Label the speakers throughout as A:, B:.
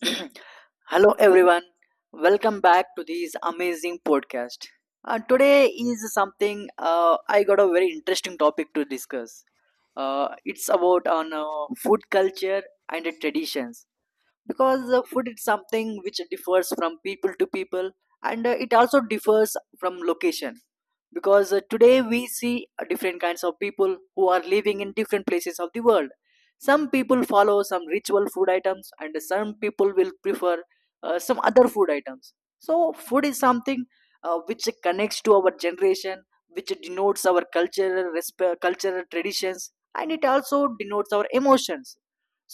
A: Hello, everyone. Welcome back to this amazing podcast. Today is something I got a very interesting topic to discuss. It's about on food culture and the traditions because food is something which differs from people to people, and it also differs from location because today we see different kinds of people who are living in different places of the world. Some people follow some ritual food items, and some people will prefer some other food items. So food is something which connects to our generation, which denotes our cultural traditions, and it also denotes our emotions.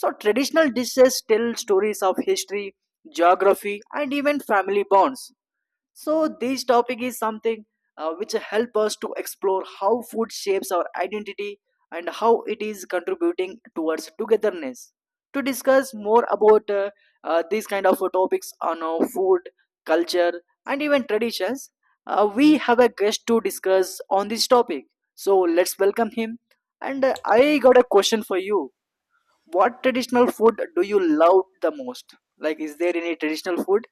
A: So traditional dishes tell stories of history, geography, and even family bonds. So this topic is something which help us to explore how food shapes our identity and how it is contributing towards togetherness. To discuss more about these kind of topics on food, culture, and even traditions, we have a guest to discuss on this topic. So let's welcome him. And I got a question for you. What traditional food do you love the most? Like, is there any traditional food?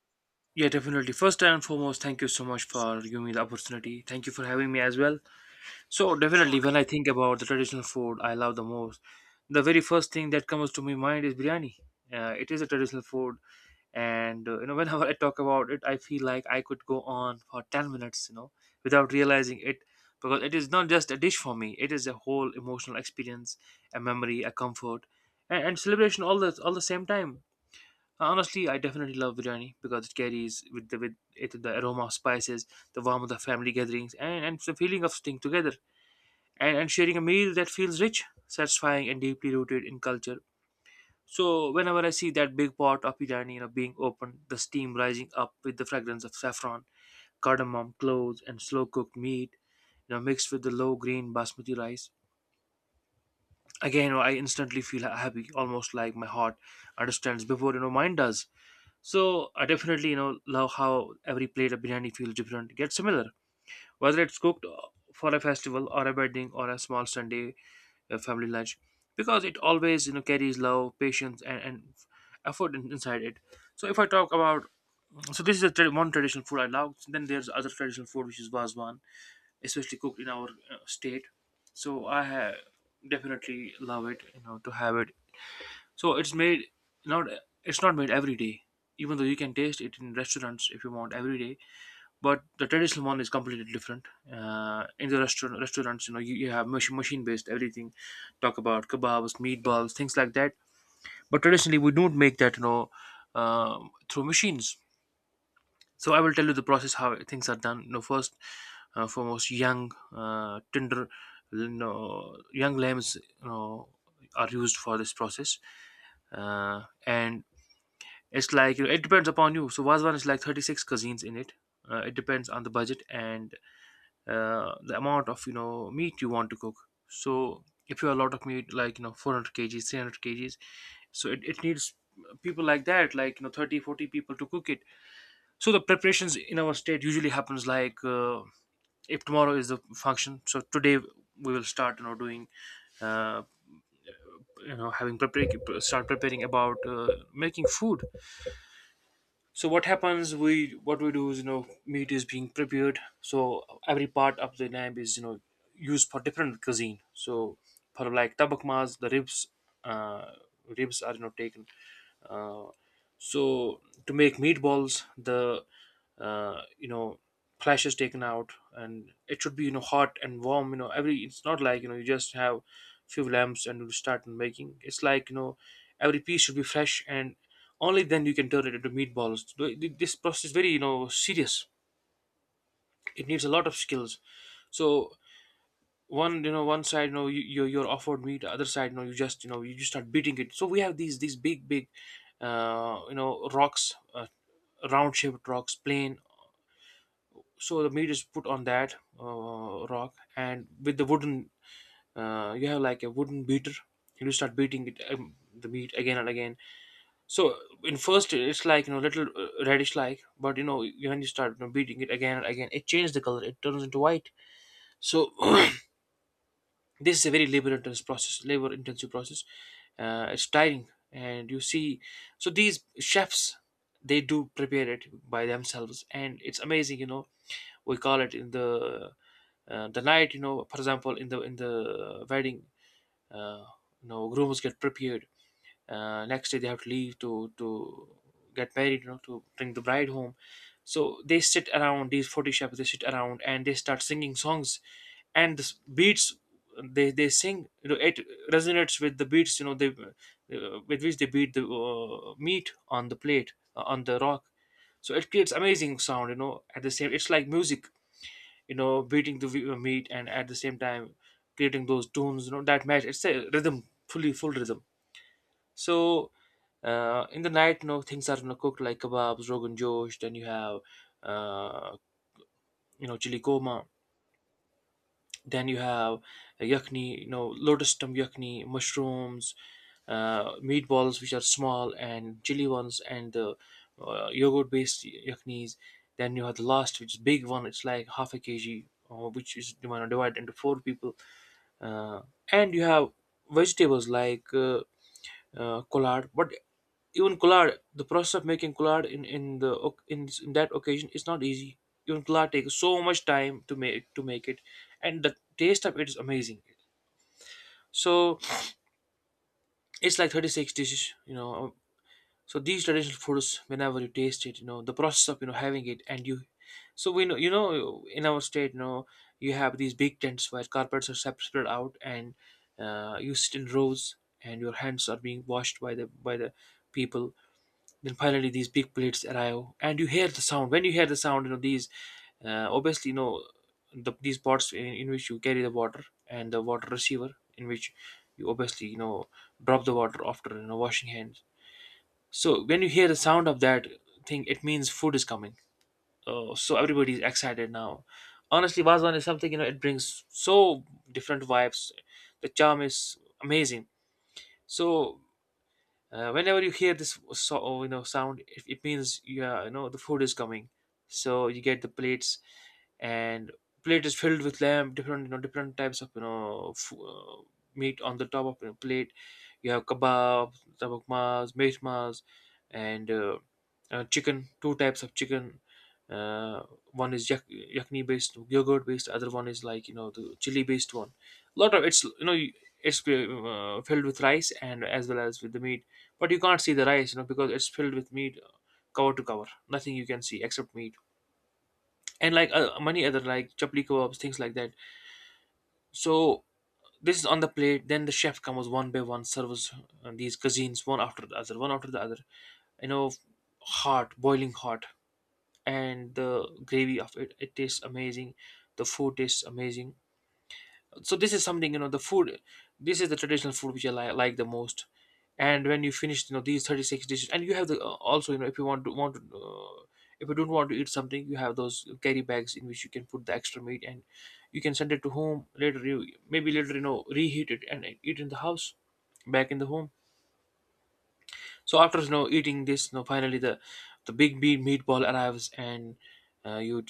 B: Yeah, definitely. First and foremost, thank you so much for giving me the opportunity. Thank you for having me as well. So, definitely, when I think about the traditional food I love the most, the very first thing that comes to my mind is biryani. It is a traditional food, and whenever I talk about it, I feel like I could go on for 10 minutes, without realizing it, because it is not just a dish for me; it is a whole emotional experience, a memory, a comfort, and celebration all the same time. Honestly, I definitely love biryani because it carries with it the aroma of spices, the warmth of the family gatherings, and the feeling of staying together and sharing a meal that feels rich, satisfying, and deeply rooted in culture. So whenever I see that big pot of biryani, being opened, the steam rising up with the fragrance of saffron, cardamom, cloves, and slow cooked meat, mixed with the low green basmati rice. Again, I instantly feel happy, almost like my heart understands before mine does. So I definitely, love how every plate of biryani feels different, gets similar. Whether it's cooked for a festival or a wedding or a small Sunday family lunch, because it always, carries love, patience, and effort inside it. So if I talk about, so this is a one traditional food I love. Then there's other traditional food which is baswan, especially cooked in our state. So I ha- Definitely love it, you know, to have it. So it's made, not it's not made every day. Even though you can taste it in restaurants if you want every day, but the traditional one is completely different. In the restaurants, you know, you have machine based everything. Talk about kebabs, meatballs, things like that. But traditionally, we don't make that, through machines. So I will tell you the process how things are done. You know, first, foremost, young tender, you know, young lambs, you know, are used for this process, and it's like, you know, it depends upon you. So Vazwan is like 36 cuisines in it. It depends on the budget and the amount of, you know, meat you want to cook. So if you have a lot of meat, like, you know, 400 kgs, 300 kgs, so it needs people like that, like, you know, 30, 40 people to cook it. So the preparations in our state usually happens like, if tomorrow is the function. So today we will start, you know, doing uh, having prepare start preparing about, making food. So what happens, we what we do is, you know, meat is being prepared. So every part of the lamb is, you know, used for different cuisine. So for like tabak mas, the ribs, uh, ribs are, you know, taken, uh, so to make meatballs, the you know, flesh is taken out, and it should be, you know, hot and warm. You know, every, it's not like, you know, you just have few lamps and you start making. It's like, you know, every piece should be fresh, and only then you can turn it into meatballs. This process is very, you know, serious. It needs a lot of skills. So one, you know, one side, you know, you're offered meat. The other side, you know, you just start beating it. So we have these big you know, rocks, round shaped rocks, plain. So the meat is put on that rock, and with the wooden, you have like a wooden beater, and you start beating it the meat again and again. So in first it's like, you know, little reddish like, but you know, when you start, you know, beating it again and again, it changes the color. It turns into white. So this is a very labor intensive process. It's tiring, and you see, so these chefs, they do prepare it by themselves, and it's amazing, you know. We call it in the, the night, you know, for example, in the wedding, uh, you know, rooms get prepared. Next day they have to leave to get married, you know, to bring the bride home. So they sit around these 40 shepherds. They sit around and they start singing songs, and the beats, they sing, you know, it resonates with the beats, you know, they, with which they beat the meat on the plate, on the rock. So it creates amazing sound, you know, at the same, it's like music, you know, beating the meat, and at the same time creating those tunes, you know, that match. It's a rhythm, fully full rhythm. So, in the night, you know, things are, you know, cooked like kebabs, rogan josh. Then you have, uh, you know, chili goma. Then you have yakni, you know, lotus stem yakni, mushrooms, meatballs which are small and chili ones, and the yogurt-based yaknis. Then you have the last, which is big one. It's like half a kg, which is, you know, divided into four people. Uh, and you have vegetables like collard. But even collard, the process of making collard in the in that occasion is not easy. Even collard takes so much time to make it, and the taste of it is amazing. So it's like 36 dishes, you know. So these traditional foods, whenever you taste it, you know the process of, you know, having it, and you. So we know, you know, in our state, you know, you have these big tents where carpets are spread out, and you sit in rows, and your hands are being washed by the people. Then finally, these big plates arrive, and you hear the sound. When you hear the sound, you know these, obviously, you know, these pots in which you carry the water, and the water receiver in which you obviously, you know, drop the water after, you know, washing hands. So when you hear the sound of that thing, it means food is coming. So everybody is excited now. Honestly, Vazwan is something, you know, it brings so different vibes. The charm is amazing. So, whenever you hear this so, oh, you know sound, it means yeah, you know, the food is coming. So you get the plates, and plate is filled with lamb, different you know, different types of, you know, meat on the top of the plate. You have kebab, tabakmas, mehmas, and chicken. Two types of chicken. Uh, one is yakni based, yogurt based. Other one is like, you know, the chili based one. A lot of it's, you know, it's filled with rice and as well as with the meat, but you can't see the rice, you know, because it's filled with meat, cover to cover. Nothing you can see except meat, and like many other like chapli kebabs, things like that. So this is on the plate. Then the chef comes one by one, serves these cuisines one after the other, one after the other. You know, hot, boiling hot, and the gravy of it, it tastes amazing. The food tastes amazing. So this is something, you know the food this is the traditional food which I like the most. And when you finish, these 36 dishes, and you have the also, if you want to if you don't want to eat something, you have those carry bags in which you can put the extra meat, and you can send it to home later. You, maybe later, reheat it and eat in the house back in the home. So after eating this, finally, the big meat meatball arrives, and you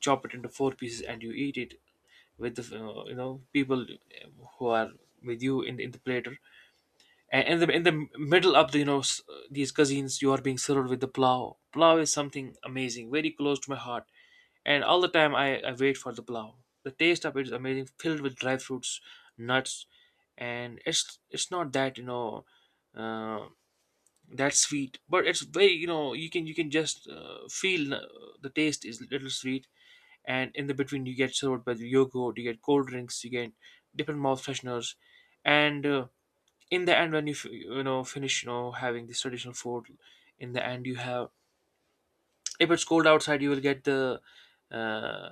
B: chop it into four pieces and you eat it with the people who are with you in the platter. And in the middle of the these cuisines, you are being served with the plow. Plow is something amazing, very close to my heart, and all the time I wait for the plow. The taste of it is amazing, filled with dry fruits, nuts, and it's not that, uh, that's sweet, but it's very, you can just feel, the taste is little sweet. And in the between, you get served by the yogurt, you get cold drinks, you get different mouth fresheners, and in the end when you f- you know finish having this traditional food, in the end you have, if it's cold outside, you will get the uh,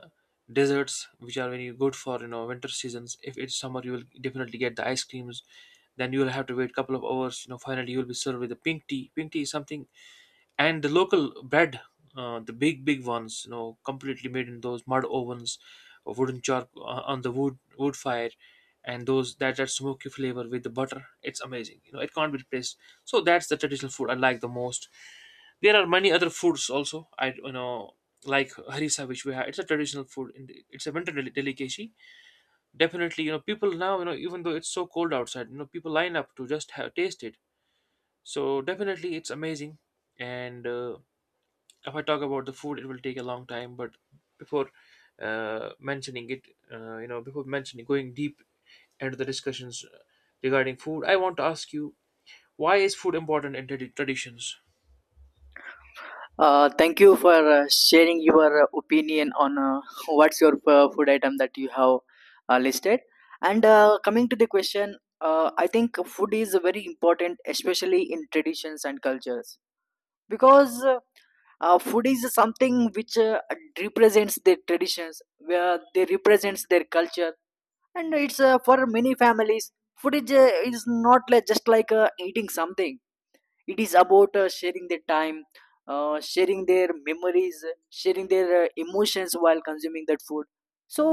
B: desserts, which are very good for, winter seasons. If it's summer, you will definitely get the ice creams. Then you will have to wait a couple of hours. Finally, you will be served with the pink tea. Pink tea is something, and the local bread, the big ones, completely made in those mud ovens, or wooden chalk, on the wood fire, and those, that smoky flavor with the butter, it's amazing. It can't be replaced. So that's the traditional food I like the most. There are many other foods also. I Like harissa, which we have. It's a traditional food, and it's a winter delicacy. Definitely, people now, even though it's so cold outside, people line up to just have taste it. So definitely, it's amazing. And if I talk about the food, it will take a long time. But before mentioning it, before mentioning going deep into the discussions regarding food, I want to ask you, why is food important in traditions?
A: Thank you for sharing your opinion on what's your food item that you have listed. And coming to the question, I think food is very important, especially in traditions and cultures, because food is something which represents their traditions, where they represents their culture. And it's for many families food is not like just like eating something. It is about sharing their time, sharing their memories, sharing their emotions while consuming that food. So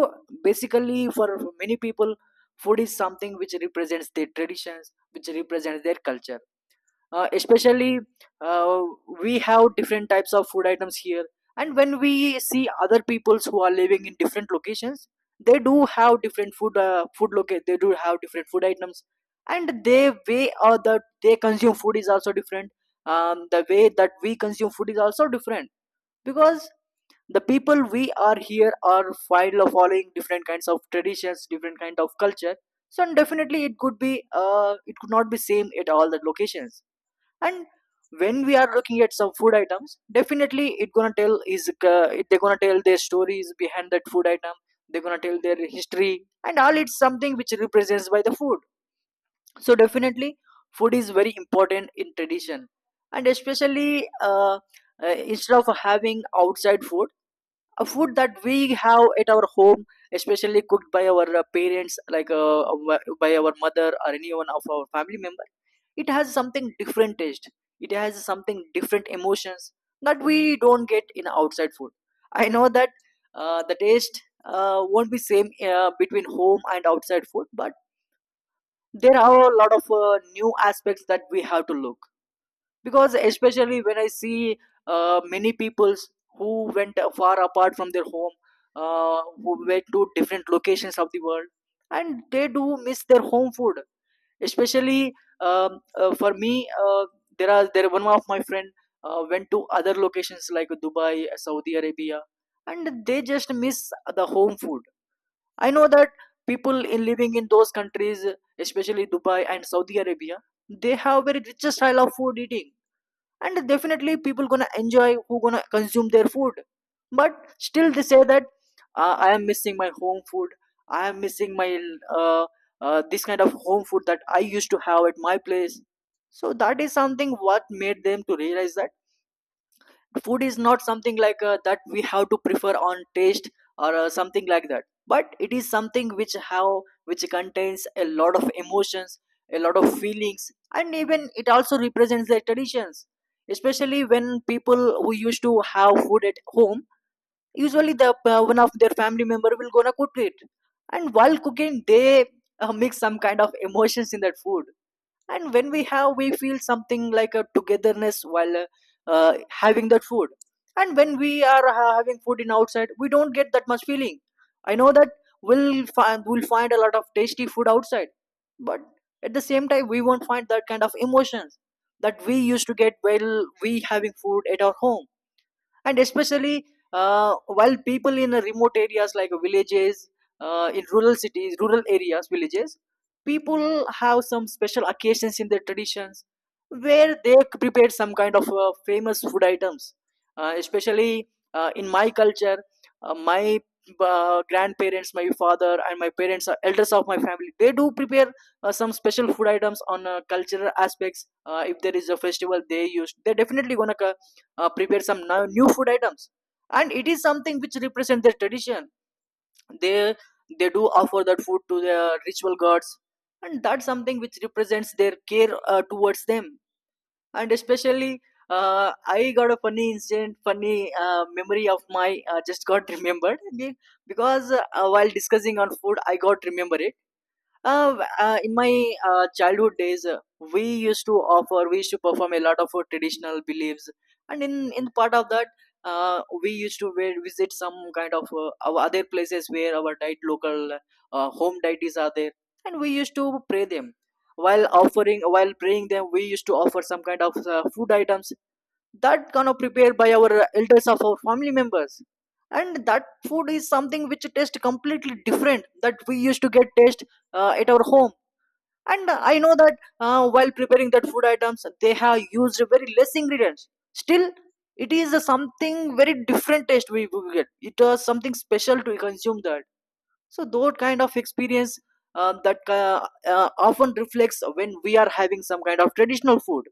A: basically for many people, food is something which represents their traditions, which represents their culture. Especially uh, we have different types of food items here, and when we see other peoples who are living in different locations, they do have different food food locate they do have different food items, and they way or that they consume food is also different. The way that we consume food is also different because the people we are here are file of following different kinds of traditions, different kind of culture. So definitely it could be, it could not be same at all the locations. And when we are looking at some food items, definitely it gonna tell is they're gonna tell their stories behind that food item. They're gonna tell their history and all. It's something which represents by the food. So definitely food is very important in tradition, and especially instead of having outside food, a food that we have at our home, especially cooked by our parents, like by our mother or anyone of our family member, it has something different taste, it has something different emotions that we don't get in outside food. I know that the taste won't be same between home and outside food, but there are a lot of new aspects that we have to look. Because especially when I see many peoples who went far apart from their home, who went to different locations of the world, and they do miss their home food. Especially for me, uh, there are there one of my friend went to other locations like Dubai, Saudi Arabia, and they just miss the home food. I know that people in living in those countries, especially Dubai and Saudi Arabia, they have very richest style of food eating, and definitely people gonna enjoy who gonna consume their food. But still they say that I am missing my home food. I am missing my uh, this kind of home food that I used to have at my place. So that is something what made them to realize that food is not something like that we have to prefer on taste or something like that, but it is something which how which contains a lot of emotions, a lot of feelings, and even it also represents their traditions. Especially when people who used to have food at home, usually the one of their family member will gonna cook it, and while cooking they mix some kind of emotions in that food. And when we have we feel something like a togetherness while having that food. And when we are having food in outside, we don't get that much feeling. I know that we'll find a lot of tasty food outside, but at the same time we won't find that kind of emotions that we used to get while we having food at our home. And especially while people in remote areas like villages, in rural cities, rural areas, villages, people have some special occasions in their traditions where they prepare some kind of famous food items. Especially in my culture, my grandparents, my father, and my parents are elders of my family, they do prepare some special food items on cultural aspects. If there is a festival, they use they definitely gonna prepare some new food items, and it is something which represents their tradition. they they do offer that food to their ritual gods, and that's something which represents their care towards them. And especially I got a funny incident, funny memory of my just got remembered because while discussing on food I got remembered uh, in my childhood days, we used to offer, we used to perform a lot of traditional beliefs, and in part of that, we used to visit some kind of our other places where our diet local home deities are there, and we used to pray them. While offering, while praying them, we used to offer some kind of food items that gonna prepared by our elders of our family members. And that food is something which tastes completely different that we used to get taste at our home. And I know that while preparing that food items, they have used very less ingredients. Still it is a something very different taste we get. It was something special to consume that. So that kind of experience that often reflects when we are having some kind of traditional food.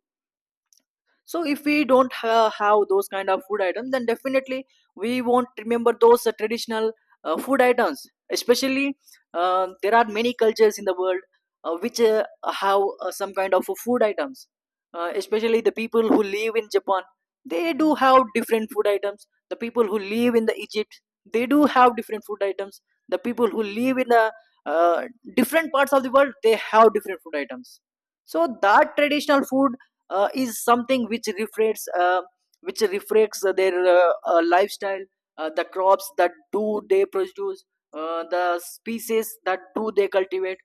A: So if we don't have those kind of food items, then definitely we won't remember those traditional food items. Especially there are many cultures in the world which have some kind of food items. Especially the people who live in Japan, they do have different food items. The people who live in the Egypt, they do have different food items. The people who live in the uh, different parts of the world, they have different food items. So that traditional food is something which reflects their lifestyle, the crops that do they produce, the species that do they cultivate.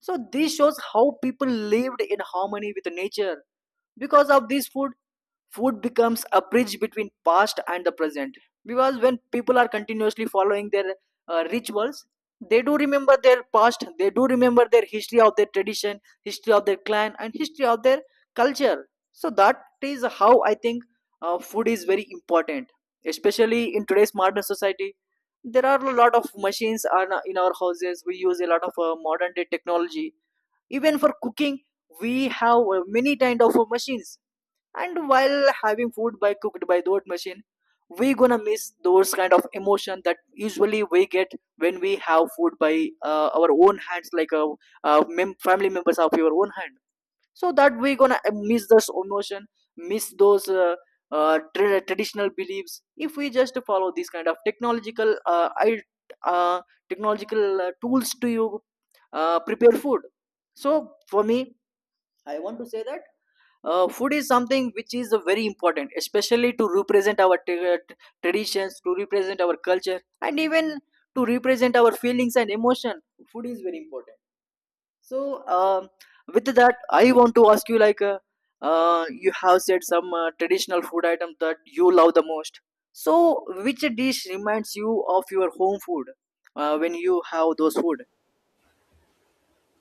A: So this shows how people lived in harmony with nature. Because of this food, food becomes a bridge between past and the present. Because when people are continuously following their rituals, they do remember their past, they do remember their history of their tradition, history of their clan, and history of their culture. So that is how I think food is very important, especially in today's modern society. There are a lot of machines are in our houses. We use a lot of modern day technology even for cooking. We have many kind of machines. And while having food by cooked by those machine, we gonna miss those kind of emotion that usually we get when we have food by our own hands like family members of your own hand. So that we gonna miss those emotion, miss those traditional beliefs if we just follow these kind of technological uh, technological tools to you prepare food. So for me, I want to say that food is something which is very important, especially to represent our traditions, to represent our culture, and even to represent our feelings and emotion. Food is very important. So with that I want to ask you like you have said some traditional food item that you love the most. So which dish reminds you of your home food when you have those food?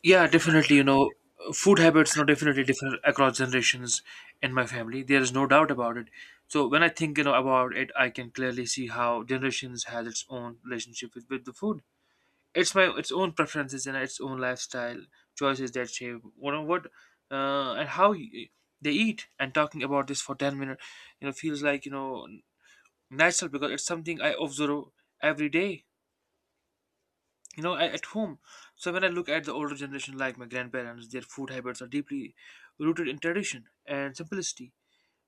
B: Yeah, definitely. Food habits are definitely different across generations in my family. There is no doubt about it. So when I think, about it, I can clearly see how generations has its own relationship with the food. It's my its own preferences and its own lifestyle choices that shape what and how they eat. And talking about this for 10 minutes, feels like, natural, because it's something I observe every day, at home. So when I look at the older generation, like my grandparents, their food habits are deeply rooted in tradition and simplicity,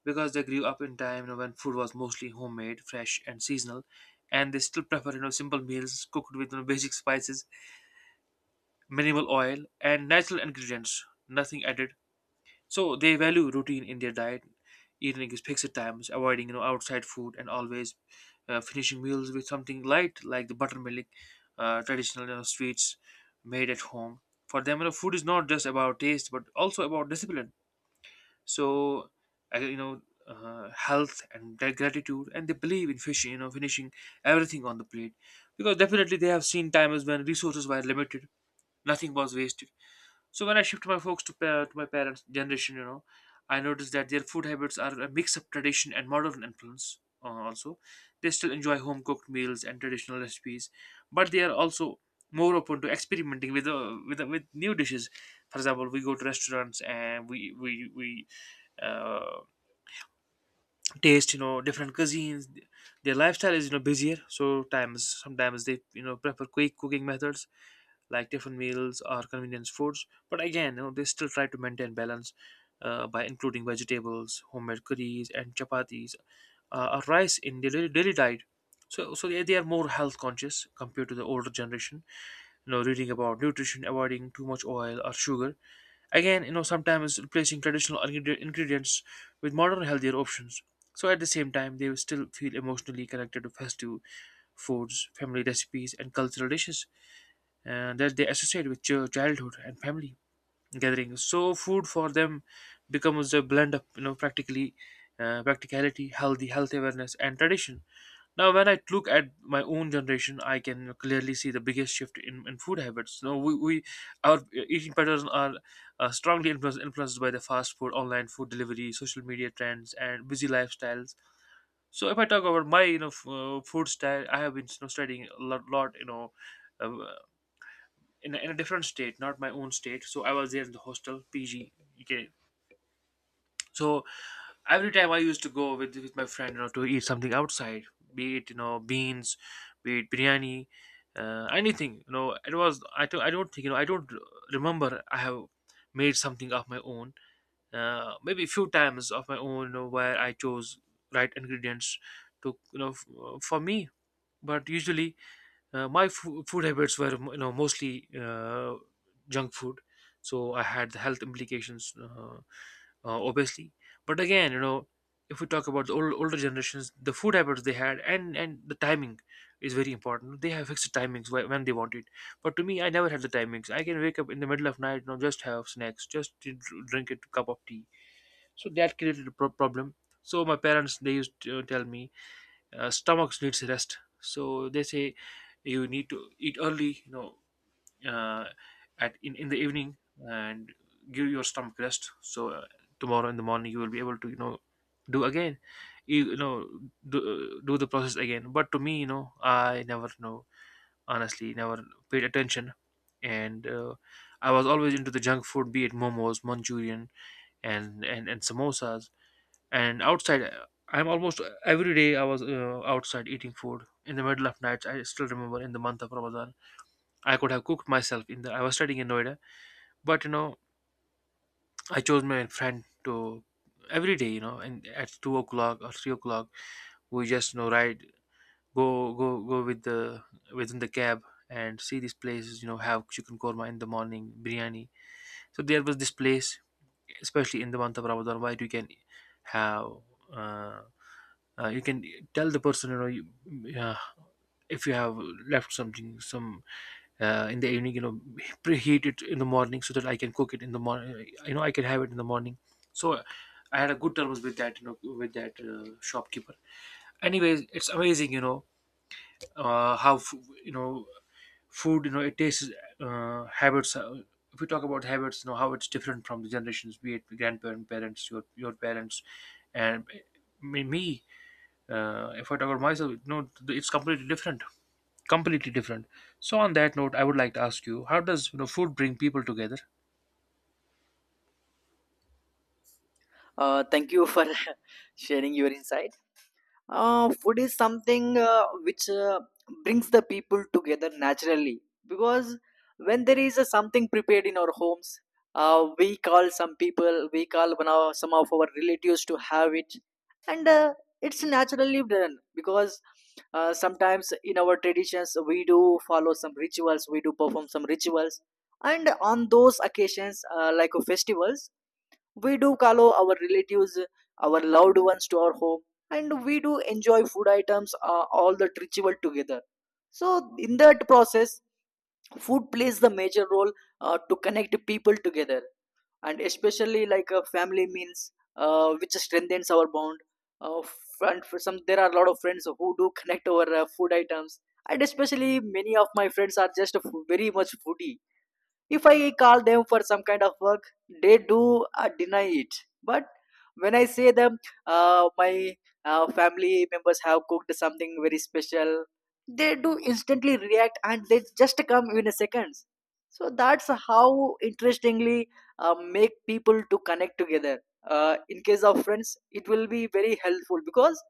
B: because they grew up in time, when food was mostly homemade, fresh, and seasonal, and they still prefer, simple meals cooked with, basic spices, minimal oil, and natural ingredients, nothing added. So they value routine in their diet, eating at fixed times, avoiding outside food, and always finishing meals with something light like the buttermilk, traditional, sweets made at home. For them, food is not just about taste, but also about discipline. So, I- you know, health and their gratitude, and they believe in finishing everything on the plate, because definitely they have seen times when resources were limited, nothing was wasted. So when I shift my focus to my parents' generation, I noticed that their food habits are a mix of tradition and modern influence. Also, they still enjoy home cooked meals and traditional recipes, but they are also more open to experimenting with new dishes. For example, we go to restaurants and we. Uh, taste different cuisines. Their lifestyle is, busier, so times sometimes they, prefer quick cooking methods like different meals or convenience foods, but again, they still try to maintain balance by including vegetables, homemade curries, and chapatis, or rice in their daily diet. So they are more health conscious compared to the older generation, reading about nutrition, avoiding too much oil or sugar. Again, sometimes replacing traditional ingredients with modern healthier options. So at the same time, they will still feel emotionally connected to festive foods, family recipes, and cultural dishes that they associate with childhood and family gatherings. So food for them becomes a blend of, practically practicality, health awareness, and tradition. Now, when I look at my own generation, I can clearly see the biggest shift in food habits. You know, we our eating patterns are, strongly influenced by the fast food, online food delivery, social media trends, and busy lifestyles. So, if I talk about my food style, I have been, studying a lot, uh, in a different state, not my own state. So, I was there in the hostel, PG. Okay, so every time I used to go with my friend, to eat something outside, be it beans, be it biryani, anything. It was I don't think you know I don't remember I have made something of my own. Maybe a few times of my own, where I chose right ingredients to you know f- for me. But usually, my food habits were, mostly, junk food, so I had the health implications. Obviously. But again, if we talk about the older generations, the food habits they had and the timing is very important. They have fixed timings when they want it. But to me, I never had the timings. I can wake up in the middle of night, just have snacks, just to drink a cup of tea. So that created a problem. So my parents they used to tell me, stomachs needs rest. So they say you need to eat early, uh, at in the evening, and give your stomach rest, so tomorrow in the morning you will be able to, do again, you, you know do, do the process again. But to me, I never, honestly, never paid attention. And I was always into the junk food, be it momos, manchurian, and samosas, and outside, I'm almost, every day I was, outside eating food in the middle of nights. I still remember in the month of Ramadan, I could have cooked myself, in the I was studying in Noida, but, I chose my friend to every day, and at 2 o'clock or 3 o'clock, we just, ride, go go go, within the cab, and see these places, have chicken korma in the morning, biryani. So there was this place, especially in the month of Ramadan, where you can have, uh, you can tell the person, yeah, if you have left something, some in the evening, preheat it in the morning so that I can cook it in the morning. I can have it in the morning. So I had a good terms with that, with that, shopkeeper. Anyways, it's amazing. How you know food, it tastes, habits, if we talk about habits, how it's different from the generations, be it grandparents, parents, your parents, and me, me if I talk about myself, it's completely different. Completely different. So on that note, I would like to ask you, how does, food bring people together?
A: Thank you for sharing your insight. Food is something which brings the people together naturally. Because when there is something prepared in our homes, we call some people, we call some of our relatives to have it, and it's naturally done because sometimes in our traditions we do follow some rituals, we do perform some rituals, and on those occasions, festivals, we do call our relatives, our loved ones to our home, and we do enjoy food items, all that ritual together. So, in that process, food plays the major role to connect people together, and especially family meals, which strengthens our bond. And for some, there are a lot of friends who do connect over food items, and especially many of my friends are just very much foodie if I call them for some kind of work they do deny it, but when I say them, my family members have cooked something very special, they do instantly react and they just come in a seconds. So that's how interestingly make people to connect together. In case of friends it will be very helpful because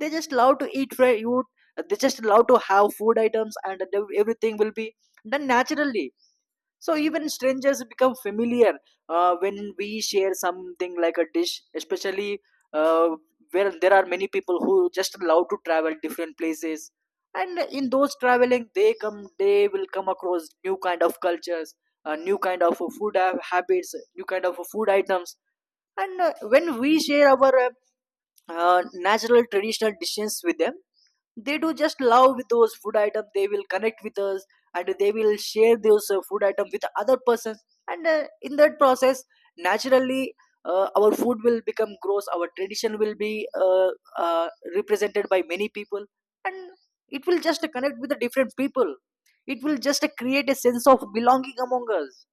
A: they just love to eat food. They just love to have food items and everything will be done naturally, so even strangers become familiar when we share something like a dish, especially uh, where there are many people who just love to travel different places. And in those traveling, they come, they will come across new kind of cultures, new kind of habits, new kind of food items. And when we share our natural traditional dishes with them, they do just love with those food items, they will connect with us and they will share those food items with other persons. And in that process, naturally, our food will become gross, our tradition will be uh, represented by many people, and it will just connect with the different people. It will just create a sense of belonging among us.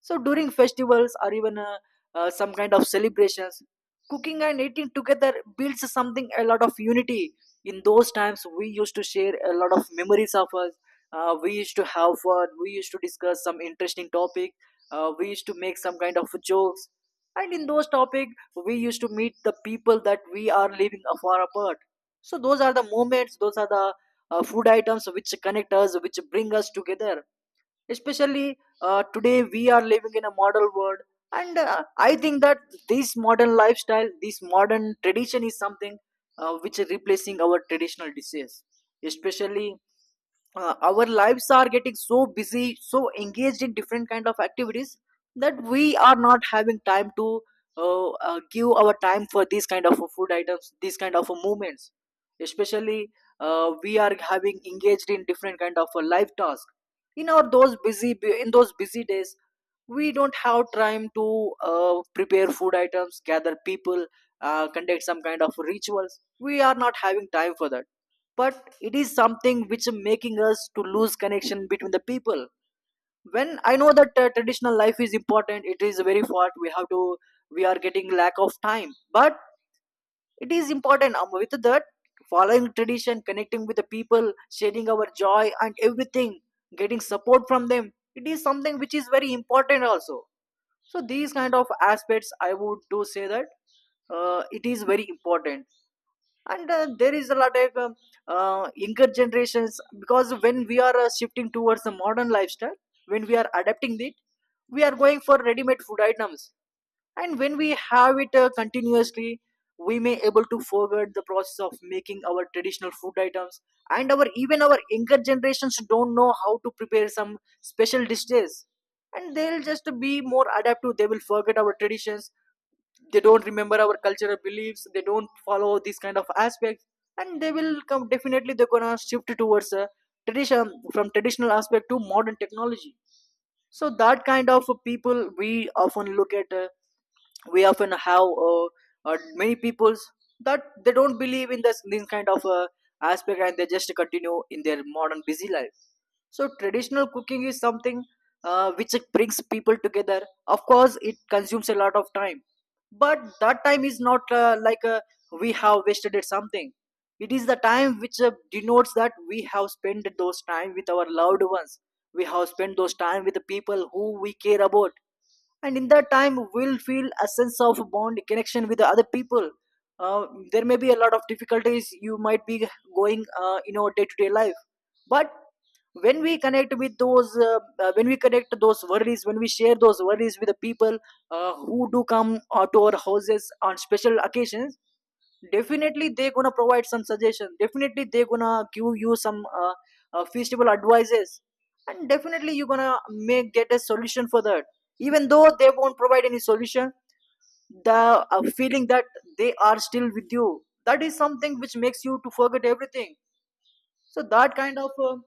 A: So during festivals or even some kind of celebrations, cooking and eating together builds something a lot of unity. In those times, we used to share a lot of memories of us. We used to have fun. We used to discuss some interesting topic. We used to make some kind of jokes. And in those topic, we used to meet the people that we are living far apart. So those are the moments. Those are the food items which connect us, which bring us together. Especially today we are living in a modern world, and I think that this modern lifestyle, this modern tradition is something which is replacing our traditional dishes. Especially our lives are getting so busy, so engaged in different kind of activities, that we are not having time to give our time for these kind of food items, these kind of movements. Especially we are having engaged in different kind of life task. in our those busy in those busy days we don't have time to prepare food items, gather people, conduct some kind of rituals. We are not having time for that, but it is something which making us to lose connection between the people. When I know that traditional life is important, it is very far, we have to we are getting lack of time, but it is important. With that, following tradition, connecting with the people, sharing our joy and everything, getting support from them, it is something which is very important also. So these kind of aspects I would do say that it is very important. And there is a lot of younger generations, because when we are shifting towards the modern lifestyle, when we are adapting it, we are going for ready-made food items, and when we have it continuously, we may able to forget the process of making our traditional food items. And our even our younger generations don't know how to prepare some special dishes, and they'll just be more adaptive, they will forget our traditions, they don't remember our cultural beliefs, they don't follow these kind of aspects, and they will come, definitely they're gonna shift towards a tradition, from traditional aspect to modern technology. So that kind of people we often look at, we often have many peoples that they don't believe in this kind of aspect, and they just continue in their modern busy life. So traditional cooking is something which brings people together. Of course it consumes a lot of time, but that time is not we have wasted at something, it is the time which denotes that we have spent those time with our loved ones, we have spent those time with the people who we care about. And in that time we'll feel a sense of bond, connection with the other people. uh, there may be a lot of difficulties you might be going in our day-to-day life, but when we connect with those when we connect those worries, when we share those worries with the people who do come to our houses on special occasions, definitely they're gonna provide some suggestions, definitely they're gonna give you some feasible advices, and definitely you're gonna make get a solution for that. Even though they won't provide any solution, the feeling that they are still with you, that is something which makes you to forget everything. So that kind of uh,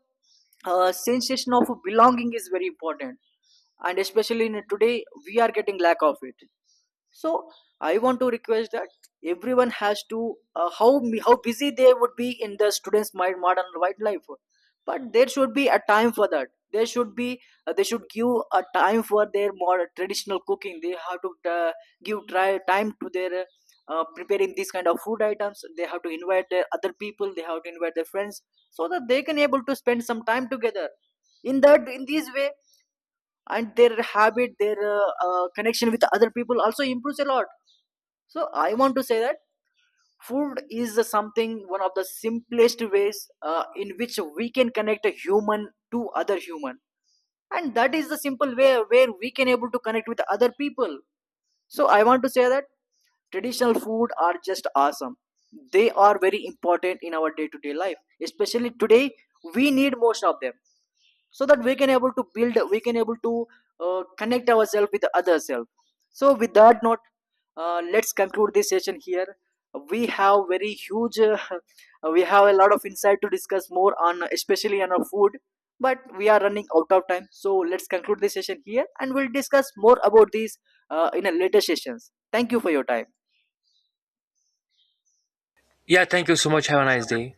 A: uh, sensation of belonging is very important, and especially in today we are getting lack of it. So I want to request that everyone has to how busy they would be in the students mind modern white life, but there should be a time for that, there should be they should give a time for their more traditional cooking, they have to give try time to their preparing these kind of food items, they have to invite their other people, they have to invite their friends, so that they can able to spend some time together in that in this way, and their habit, their connection with other people also improves a lot. So I want to say that food is something one of the simplest ways in which we can connect a human to other human, and that is the simple way where we can able to connect with other people. So I want to say that traditional food are just awesome, they are very important in our day to day life, especially today we need most of them, so that we can able to build, we can able to connect ourselves with the other self. So with that note, let's conclude this session here. We have very huge we have a lot of insight to discuss more on, especially on our food, but we are running out of time, so let's conclude this session here, and we'll discuss more about these in a later sessions. Thank you for your time.
B: Yeah, thank you so much. Have a nice day.